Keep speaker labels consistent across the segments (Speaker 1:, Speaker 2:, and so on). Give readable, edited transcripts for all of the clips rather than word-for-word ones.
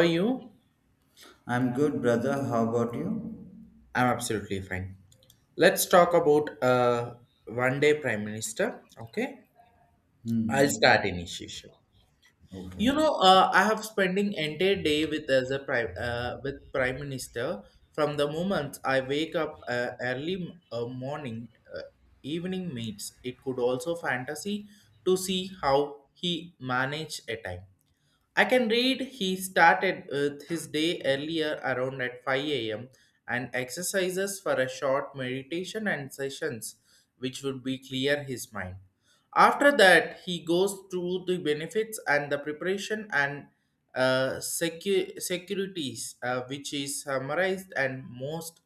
Speaker 1: How are you?
Speaker 2: I'm good, brother. How about you?
Speaker 1: I'm absolutely fine. Let's talk about one day prime minister. Okay, I'll start
Speaker 2: Hmm.
Speaker 1: initiation.
Speaker 2: Okay.
Speaker 1: I have spending entire day with as a prime minister from the moment I wake up early morning, uh, evening meets. It could also fantasy to see how he manage a time I can read he started with his day earlier around at 5 a.m. and exercises for a short meditation and sessions which would be clear his mind. After that, he goes through the benefits and the preparation and securities which is summarized and most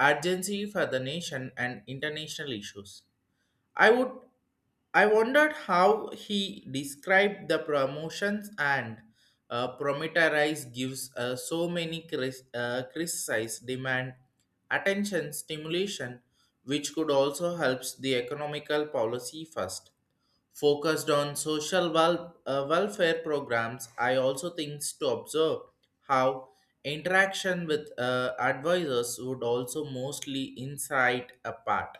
Speaker 1: urgency for the nation and international issues. I would I wondered how he described the promotions and Prometheus gives so many criticized demand attention stimulation which could also helps the economical policy first focused on social welfare programs I also think to observe how interaction with advisors would also mostly insight apart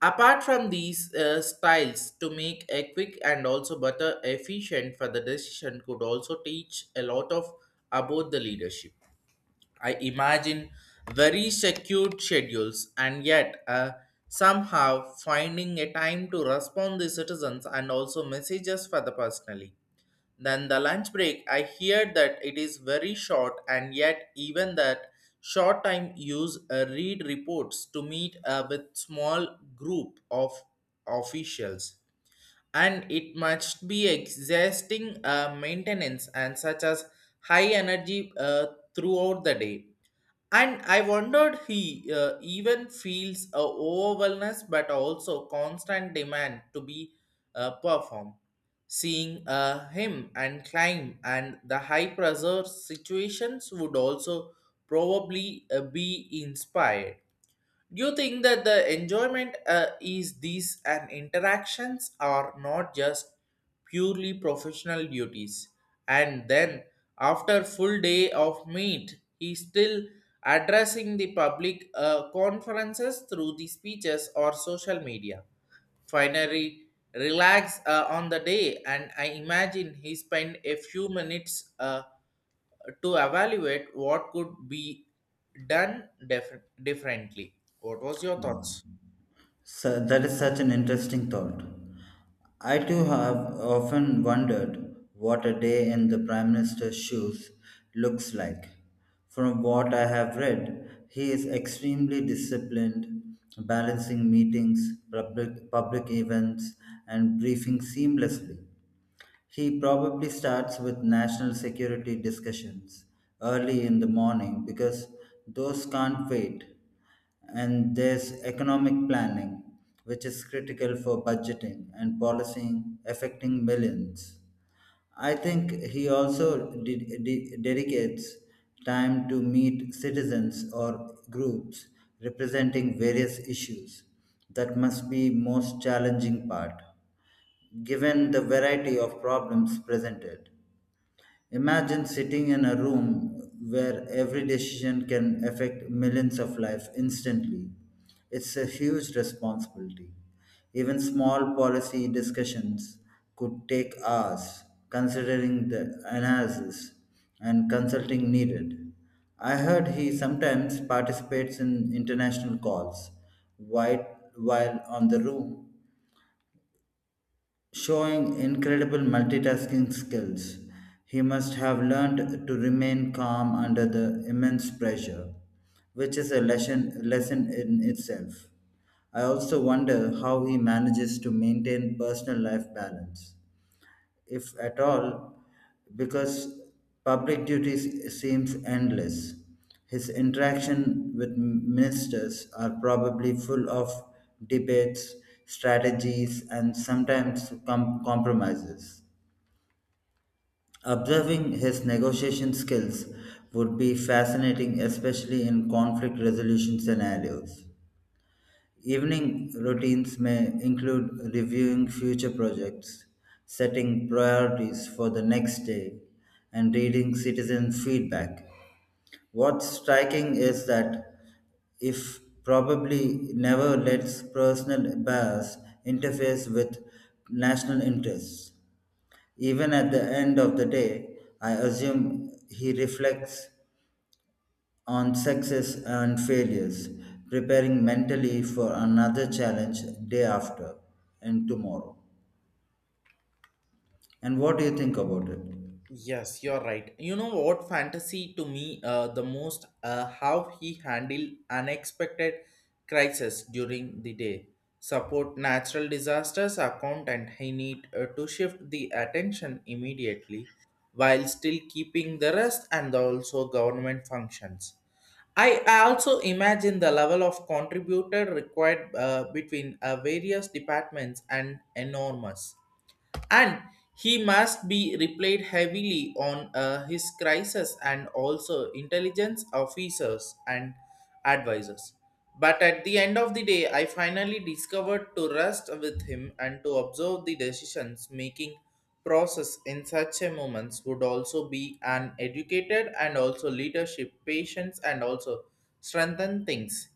Speaker 1: Apart from these styles, to make a quick and also better efficient for the decision could also teach a lot of about the leadership. I imagine very secured schedules and yet somehow finding a time to respond the citizens and also messages for the personally. Then the lunch break, I hear that it is very short, and yet even that short time use read reports to meet with small group of officials, and it must be exhausting maintenance and such as high energy throughout the day. And I wondered he even feels a overwhelmness but also constant demand to be performed. Seeing him and climb and the high pressure situations would also probably be inspired. Do you think that the enjoyment is these and interactions are not just purely professional duties? And then, after full day of meet, he's still addressing the public conferences through the speeches or social media. Finally, relax on the day, and I imagine he spent a few minutes. To evaluate what could be done differently. What was your thoughts?
Speaker 2: So that is such an interesting thought. I too have often wondered what a day in the Prime Minister's shoes looks like. From what I have read, he is extremely disciplined, balancing meetings, public events, and briefings seamlessly. He probably starts with national security discussions early in the morning because those can't wait. And there's economic planning, which is critical for budgeting and policing affecting millions. I think he also dedicates time to meet citizens or groups representing various issues. That must be most challenging part given the variety of problems presented. Imagine sitting in a room where every decision can affect millions of lives instantly. It's a huge responsibility. Even small policy discussions could take hours, considering the analysis and consulting needed. I heard he sometimes participates in international calls while, while on the room showing incredible multitasking skills. He must have learned to remain calm under the immense pressure, which is a lesson in itself. I also wonder how he manages to maintain personal life balance if at all, because public duties seems endless. His interaction with ministers are probably full of debates, strategies, and sometimes compromises. Observing his negotiation skills would be fascinating, especially in conflict resolution scenarios. Evening routines may include reviewing future projects, setting priorities for the next day, and reading citizen feedback. What's striking is that if probably never lets personal bias interfere with national interests. Even at the end of the day, I assume he reflects on success and failures, preparing mentally for another challenge day after and tomorrow. And what do you think about it?
Speaker 1: Yes, you're right. You know what fantasy to me the most how he handled unexpected crisis during the day, support natural disasters account, and he need to shift the attention immediately while still keeping the rest and also government functions. I also imagine the level of contributor required between various departments and enormous and he must be replied heavily on his crisis and also intelligence officers and advisors. But at the end of the day, I finally discovered to rest with him and to observe the decisions making process in such a moments would also be an educated and also leadership, patience, and also strengthen things.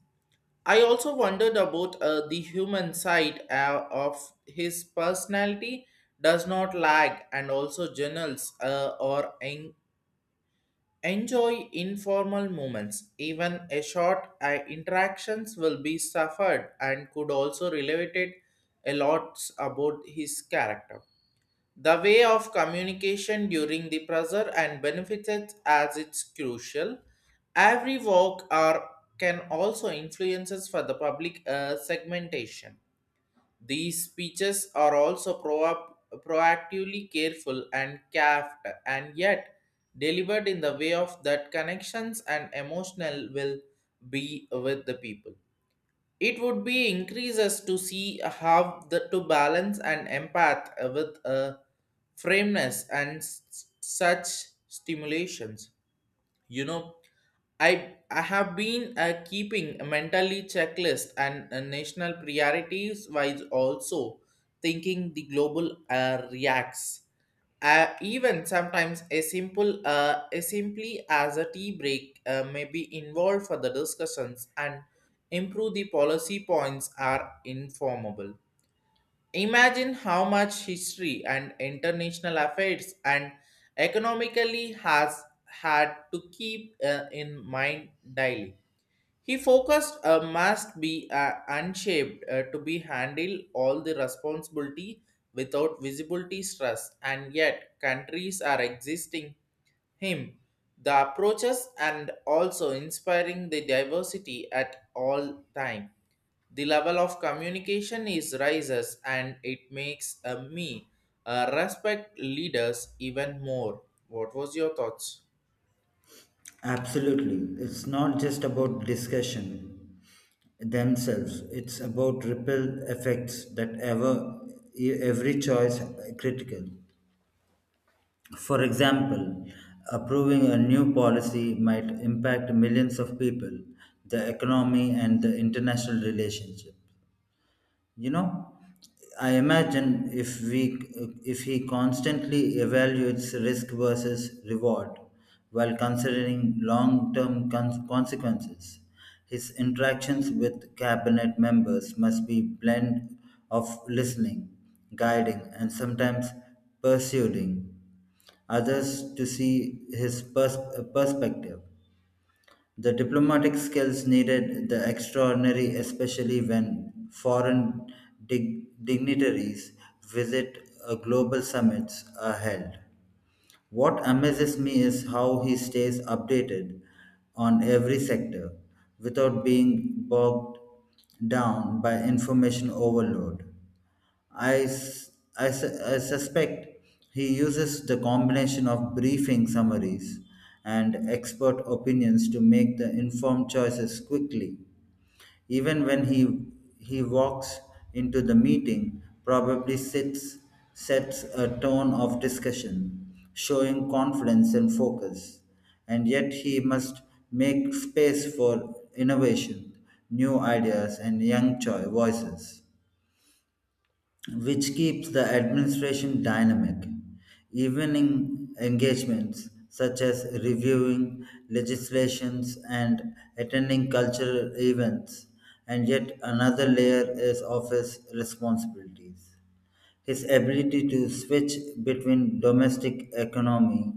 Speaker 1: I also wondered about the human side of his personality does not lag and also journals enjoy informal moments. Even a short interactions will be suffered and could also relate it a lot about his character. The way of communication during the pressure and benefits as it's crucial. Every work or can also influences for the public segmentation. These speeches are also proactively careful and capped and yet delivered in the way of that connections and emotional will be with the people. It would be increases to see how the to balance and empath with a frameness and such stimulations. You know, I have been keeping a mentally checklist and national priorities while also thinking the global reacts. Even sometimes a simply as a tea break may be involved for the discussions and improve the policy points are informable. Imagine how much history and international affairs and economically has had to keep in mind daily. He focused must be unshaped to be handle all the responsibility without visibility stress and yet countries are existing him the approaches and also inspiring the diversity at all time the level of communication is rises and it makes me respect leaders even more. What was your thoughts?
Speaker 2: Absolutely. It's not just about discussion themselves, it's about ripple effects that ever e, every choice critical. For example, approving a new policy might impact millions of people, the economy, and the international relationship. You know, I imagine if he constantly evaluates risk versus reward while considering long-term consequences. His interactions with cabinet members must be blend of listening, guiding, and sometimes persuading others to see his perspective. The diplomatic skills needed the extraordinary, especially when foreign dignitaries visit, global summits are held. What amazes me is how he stays updated on every sector without being bogged down by information overload. I, s- I su- I suspect he uses the combination of briefing summaries and expert opinions to make the informed choices quickly. Even when he walks into the meeting, probably sets a tone of discussion, showing confidence and focus. And yet he must make space for innovation, new ideas, and young voices which keeps the administration dynamic. Evening engagements, such as reviewing legislations and attending cultural events, and yet another layer is office responsibilities. His ability to switch between domestic economy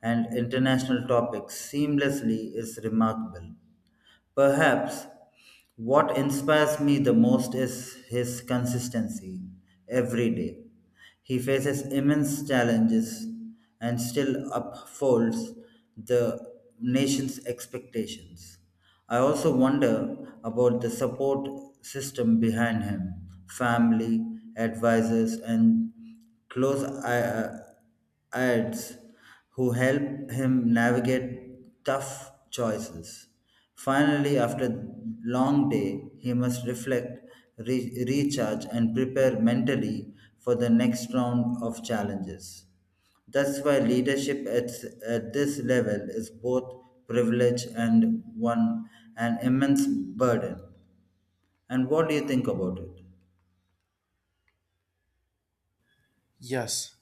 Speaker 2: and international topics seamlessly is remarkable. Perhaps what inspires me the most is his consistency every day. He faces immense challenges and still upholds the nation's expectations. I also wonder about the support system behind him, family, advisors, and close ads who help him navigate tough choices. Finally, after long day, he must reflect, recharge, and prepare mentally for the next round of challenges. That's why leadership at this level is both privilege and one an immense burden. And what do you think about it?
Speaker 1: Yes,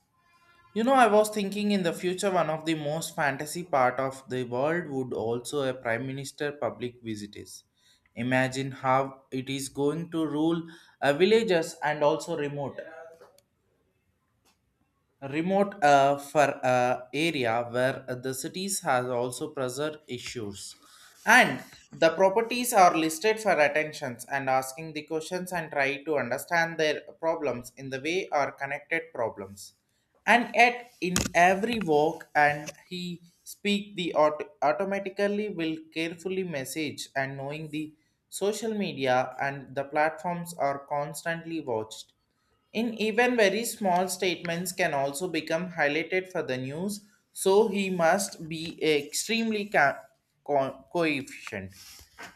Speaker 1: you know, I was thinking in the future, one of the most fantasy part of the world would also a prime minister public visitors. Imagine how it is going to rule villages and also remote for area where the cities has also preserved issues and the properties are listed for attentions and asking the questions and try to understand their problems in the way are connected problems and yet in every walk and he speak the automatically will carefully message and knowing the social media and the platforms are constantly watched in even very small statements can also become highlighted for the news, so he must be extremely coefficient.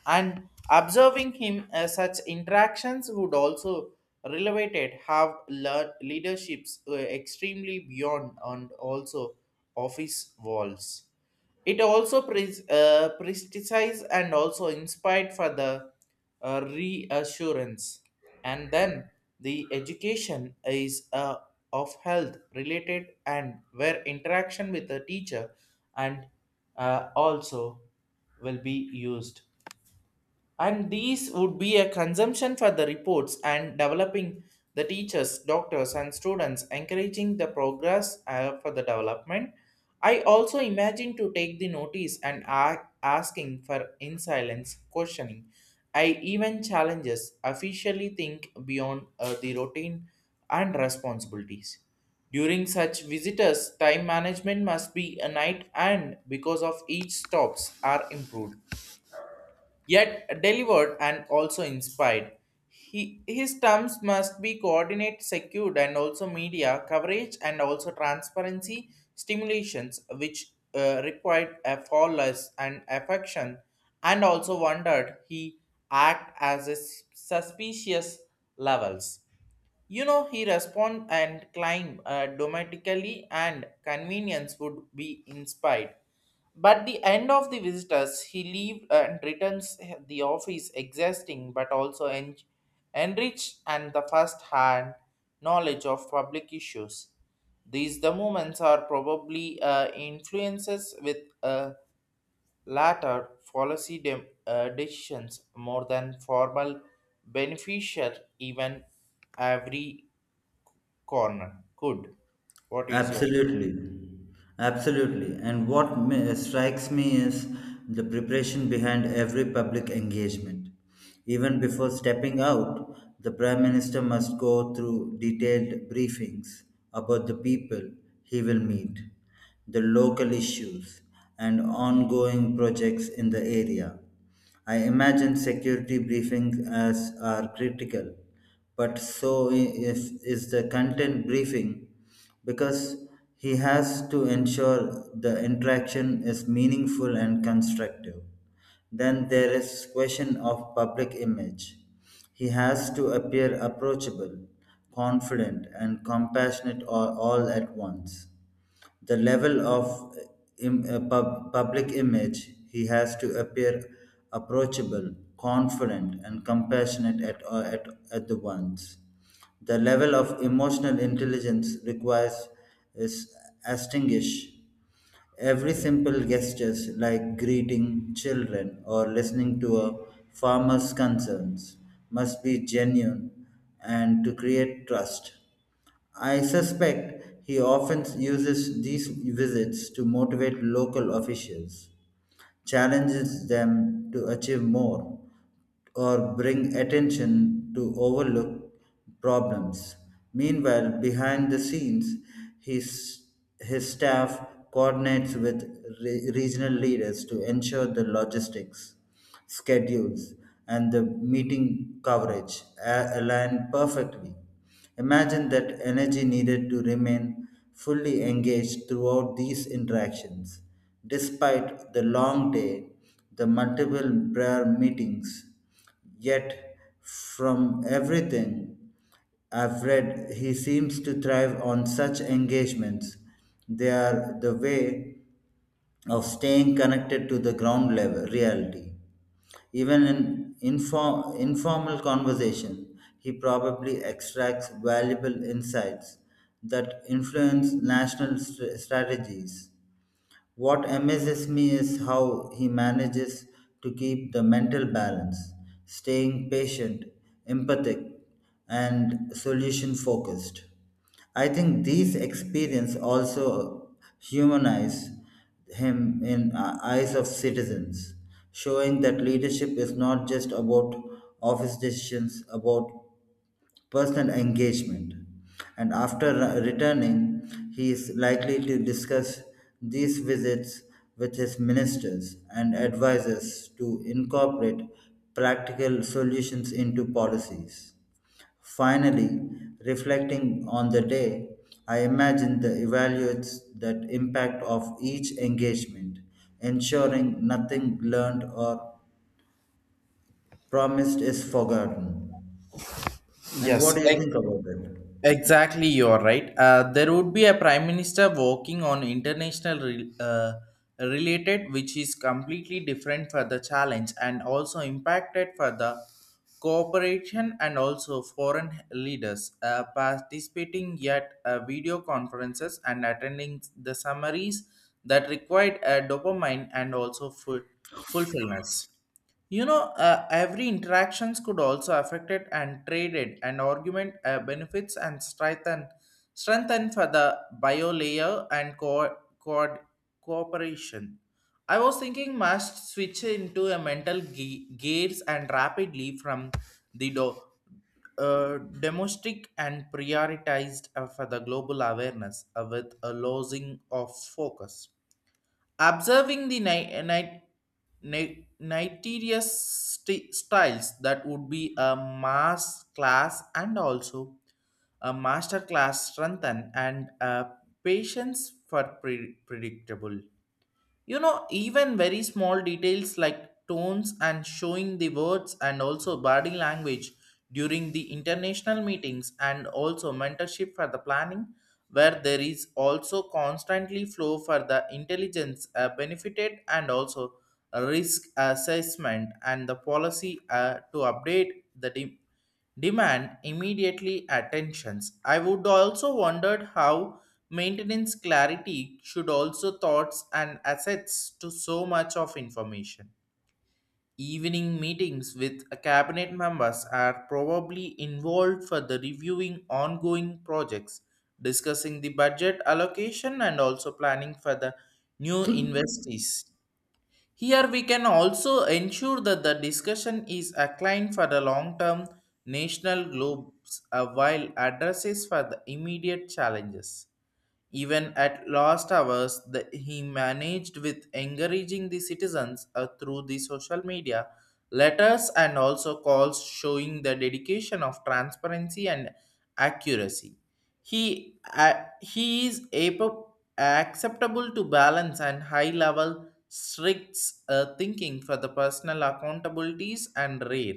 Speaker 1: And observing him as such interactions would also relevate have leaderships extremely beyond and also office walls. It also prestigious and also inspired for the reassurance and then the education is of health related and where interaction with the teacher and also will be used and these would be a consumption for the reports and developing the teachers doctors and students encouraging the progress for the development. I also imagine to take the notice and asking for in silence questioning I even challenges officially think beyond the routine and responsibilities during such visitors time management must be a night and because of each stops are improved yet delivered and also inspired. He, his terms must be coordinate, secured, and also media coverage and also transparency stimulations, which required a flawless and affection, and also wondered he act as a suspicious levels. You know, he respond and climb domestically and convenience would be inspired. But the end of the visitors, he leave and returns the office exhausting but also enriched and the first-hand knowledge of public issues. These the movements are probably influences with uh, latter policy decisions more than formal beneficial even every corner. Good. What is your
Speaker 2: Absolutely, absolutely. And what strikes me is the preparation behind every public engagement. Even before stepping out, the Prime Minister must go through detailed briefings about the people he will meet, the local issues, and ongoing projects in the area. I imagine security briefings as are critical, but so is the content briefing because he has to ensure the interaction is meaningful and constructive. Then there is question of public image. He has to appear approachable, confident and compassionate all at once. The level of public image he has to appear approachable confident and compassionate at the once. The level of emotional intelligence requires is astinguish. Every simple gestures like greeting children or listening to a farmer's concerns must be genuine and to create trust. I suspect he often uses these visits to motivate local officials, challenges them to achieve more or bring attention to overlook problems. Meanwhile, behind the scenes, his, his staff coordinates with regional leaders to ensure the logistics, schedules, and the meeting coverage align perfectly. Imagine that energy needed to remain fully engaged throughout these interactions, despite the long day, the multiple prayer meetings. Yet, from everything I've read, he seems to thrive on such engagements. They are the way of staying connected to the ground level reality. Even in informal conversation, he probably extracts valuable insights that influence national strategies. What amazes me is how he manages to keep the mental balance, staying patient, empathic, and solution focused. I think these experience also humanize him in eyes of citizens, showing that leadership is not just about office decisions, about personal engagement. And after returning, he is likely to discuss these visits with his ministers and advisors to incorporate practical solutions into policies. Finally, reflecting on the day, I imagine the evaluates that impact of each engagement, ensuring nothing learned or promised is forgotten. And what
Speaker 1: Yes,
Speaker 2: do you think about it?
Speaker 1: exactly. You are right. There would be a prime minister working on international related, which is completely different for the challenge and also impacted for the cooperation and also foreign leaders participating at video conferences and attending the summaries that required dopamine and also full fulfillments. You know, every interactions could also affect it and traded and argument benefits and strengthen for the bio layer and cooperation. I was thinking must switch into a mental gears and rapidly from the do- uh, domestic and prioritized for the global awareness with a losing of focus observing the nitarius styles that would be a mass class and also a master class strengthen and a patience for predictable. You know, even very small details like tones and showing the words and also body language during the international meetings and also mentorship for the planning where there is also constantly flow for the intelligence benefited and also risk assessment and the policy to update the team demand immediately attentions. I would also wondered how maintenance clarity should also thoughts and assets to so much of information. Evening meetings with cabinet members are probably involved for the reviewing ongoing projects, discussing the budget allocation and also planning for the new investees. Here we can also ensure that the discussion is inclined for the long-term national globes while addresses for the immediate challenges. Even at last hours, the, he managed with encouraging the citizens through the social media, letters, and also calls showing the dedication of transparency and accuracy. He is acceptable to balance and high level strict thinking for the personal accountabilities and rare.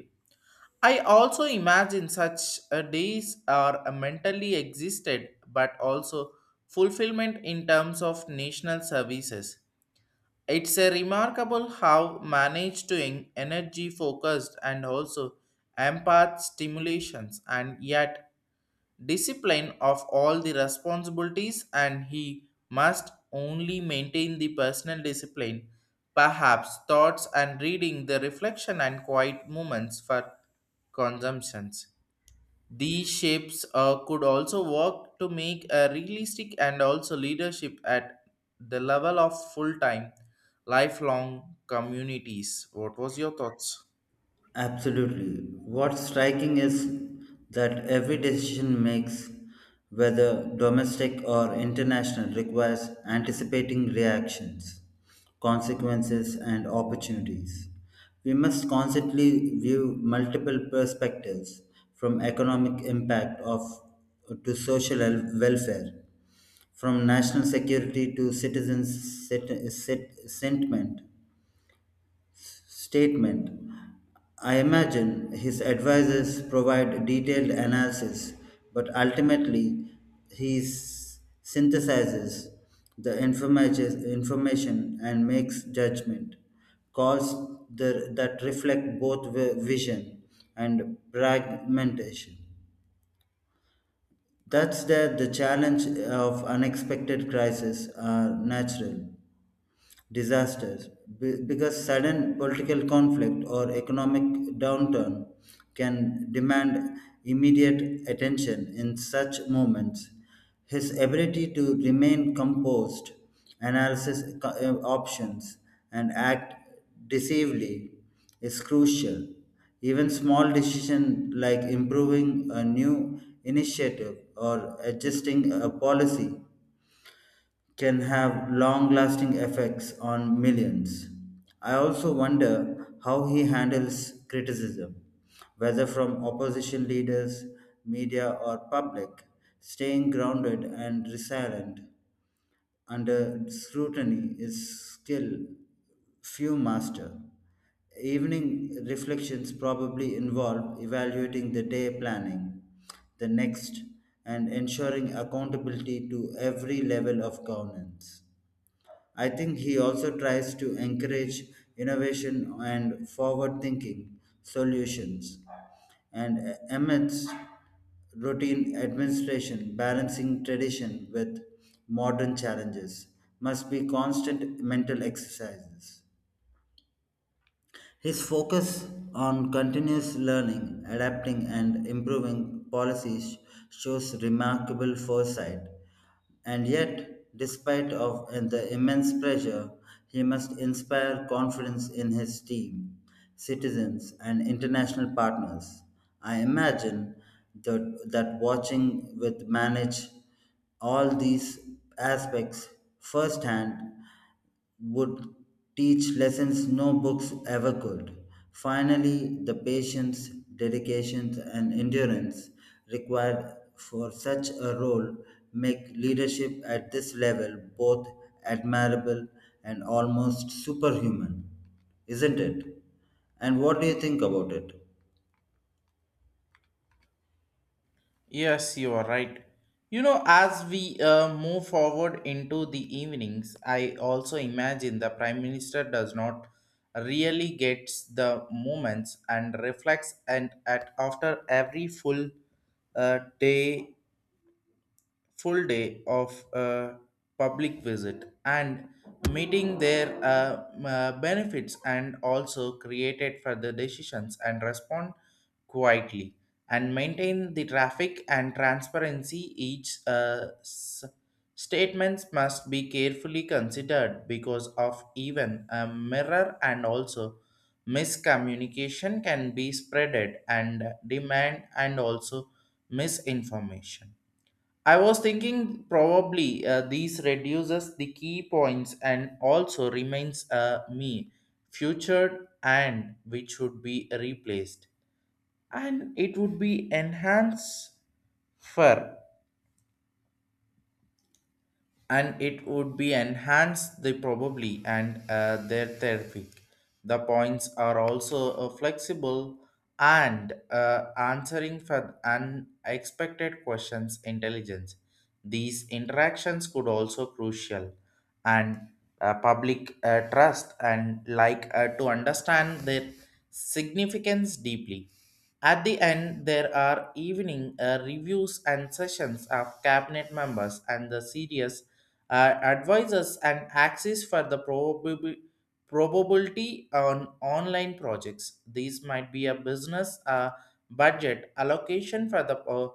Speaker 1: I also imagine such days are mentally existed, but also fulfillment in terms of national services. It's a remarkable how managed to energy focused and also empath stimulations, and yet discipline of all the responsibilities and he must only maintain the personal discipline perhaps thoughts and reading the reflection and quiet moments for consumptions these shapes could also work to make a realistic and also leadership at the level of full-time lifelong communities. What was your thoughts?
Speaker 2: Absolutely. What's striking is that every decision makes, whether domestic or international, requires anticipating reactions, consequences, and opportunities. We must constantly view multiple perspectives from economic impact of to social welfare, from national security to citizens' sentiment, statement. I imagine his advisors provide detailed analysis, but ultimately he synthesizes the information and makes judgment calls that reflect both vision and pragmatism. That's that the challenge of unexpected crises are natural disasters because sudden political conflict or economic downturn can demand immediate attention in such moments. His ability to remain composed, analysis options and act decisively is crucial. Even small decisions, like improving a new initiative or adjusting a policy can have long lasting effects on millions. I also wonder how he handles criticism, whether from opposition leaders, media, or public, staying grounded and resilient under scrutiny is still few master. Evening reflections probably involve evaluating the day planning, the next, and ensuring accountability to every level of governance. I think he also tries to encourage innovation and forward thinking solutions. And amidst routine administration, balancing tradition with modern challenges must be constant mental exercises. His focus on continuous learning, adapting, and improving policies shows remarkable foresight. And yet, despite of and the immense pressure, he must inspire confidence in his team, citizens, and international partners. I imagine that watching with manage all these aspects firsthand would teach lessons no books ever could. Finally, the patience, dedication, and endurance required for such a role make leadership at this level both admirable and almost superhuman, isn't it? And what do you think about it?
Speaker 1: Yes, you are right. You know, as we move forward into the evenings, I also imagine the Prime Minister does not really gets the moments and reflects and at after every uh, day full day of a public visit and meeting their benefits and also created for the decisions and respond quietly and maintain the traffic and transparency each statements must be carefully considered because of even a mirror and also miscommunication can be spreaded and demand and also misinformation. I was thinking probably these reduces the key points and also remains me featured and which would be replaced and it would be for. Enhanced the probably and their therapeutic. The points are also flexible and answering for unexpected questions intelligence. These interactions could also crucial and public trust and like to understand their significance deeply. At the end, there are evening reviews and sessions of cabinet members and the serious advisors and access for the probability on online projects. These might be a business budget allocation for the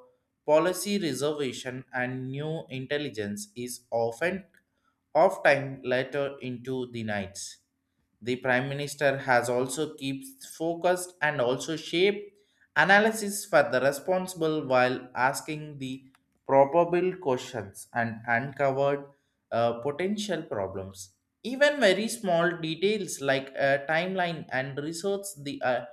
Speaker 1: policy reservation and new intelligence is often of time later into the nights the Prime Minister has also keeps focused and also shape analysis for the responsible while asking the probable questions and uncovered potential problems. Even very small details like a timeline and research the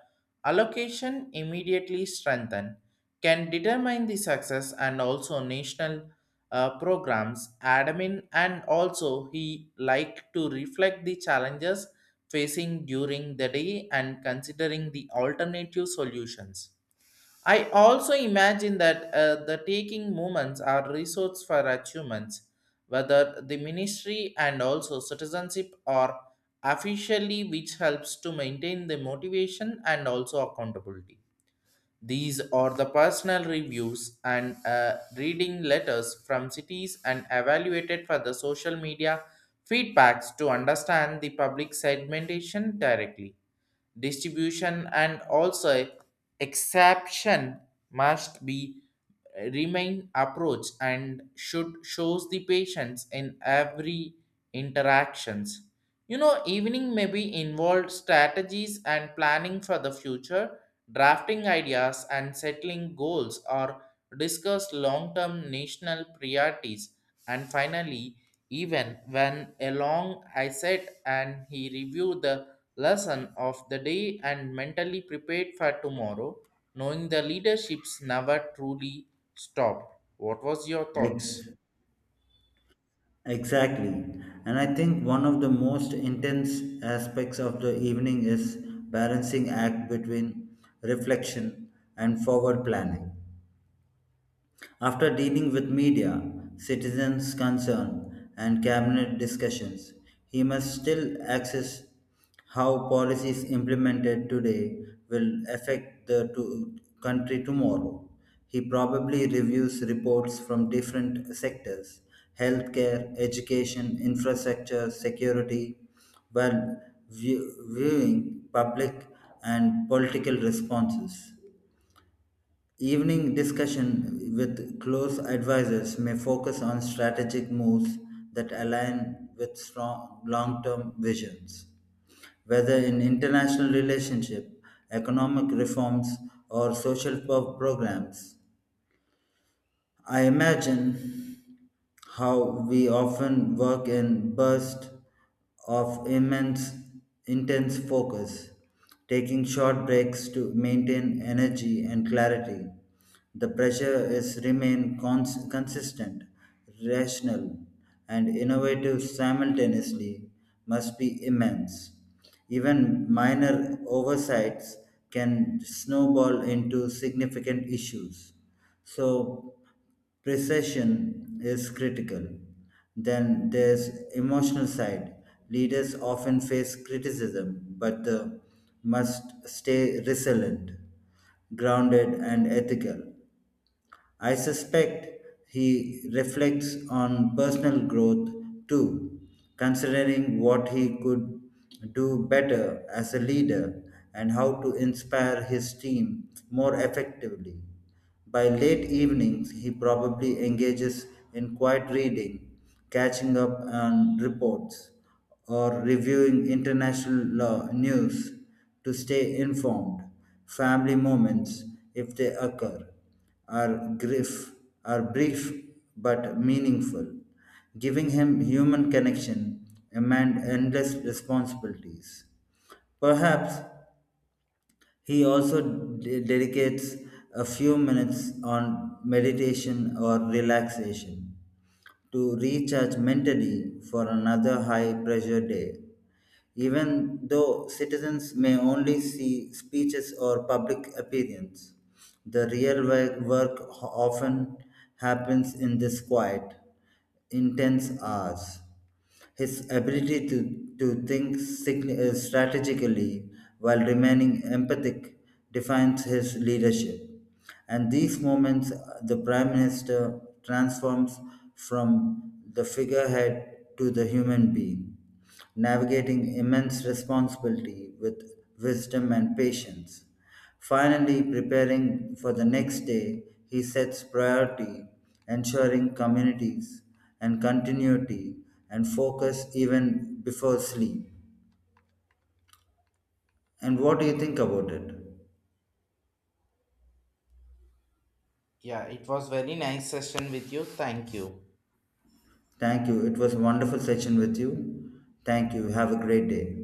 Speaker 1: allocation immediately strengthen can determine the success and also national programs admin and also he like to reflect the challenges facing during the day and considering the alternative solutions. I also imagine that the taking moments are resource for achievements, whether the ministry and also citizenship are officially which helps to maintain the motivation and also accountability. These are the personal reviews and reading letters from cities and evaluated for the social media feedbacks to understand the public segmentation directly distribution and also exception must be remain approach and should shows the patience in every interactions. You know evening may be involved strategies and planning for the future drafting ideas and settling goals or discuss long-term national priorities and finally, even when along I sat and he reviewed the lesson of the day and mentally prepared for tomorrow, knowing the leaderships never truly stop. What was your
Speaker 2: Ex-
Speaker 1: thoughts?
Speaker 2: Exactly. And I think one of the most intense aspects of the evening is balancing act between reflection and forward planning. After dealing with media, citizens' concern, and cabinet discussions, he must still assess how policies implemented today will affect the country tomorrow. He probably reviews reports from different sectors, healthcare, education, infrastructure, security, while viewing public and political responses. Evening discussion with close advisors may focus on strategic moves that align with strong long-term visions, whether in international relationship, economic reforms, or social programs. I imagine how we often work in bursts of immense intense focus, taking short breaks to maintain energy and clarity. The pressure is remain consistent, rational, and innovative simultaneously must be immense. Even minor oversights can snowball into significant issues. So, precision is critical. Then there's emotional side. Leaders often face criticism, but they must stay resilient, grounded, and ethical. I suspect he reflects on personal growth too, considering what he could do better as a leader and how to inspire his team more effectively. By late evenings, he probably engages in quiet reading, catching up on reports, or reviewing international law news to stay informed. Family moments, if they occur, are grief are brief but meaningful, giving him human connection amid endless responsibilities. Perhaps he also dedicates a few minutes on meditation or relaxation to recharge mentally for another high pressure day. Even though citizens may only see speeches or public appearance, the real work often happens in this quiet, intense hours. His ability to think strategically while remaining empathic defines his leadership. And these moments, the Prime Minister transforms from the figurehead to the human being, navigating immense responsibility with wisdom and patience. Finally, preparing for the next day, he sets priority, ensuring communities and continuity and focus even before sleep. And what do you think about it?
Speaker 1: Yeah, it was very nice session with you. Thank you.
Speaker 2: Thank you. It was a wonderful session with you. Thank you. Have a great day.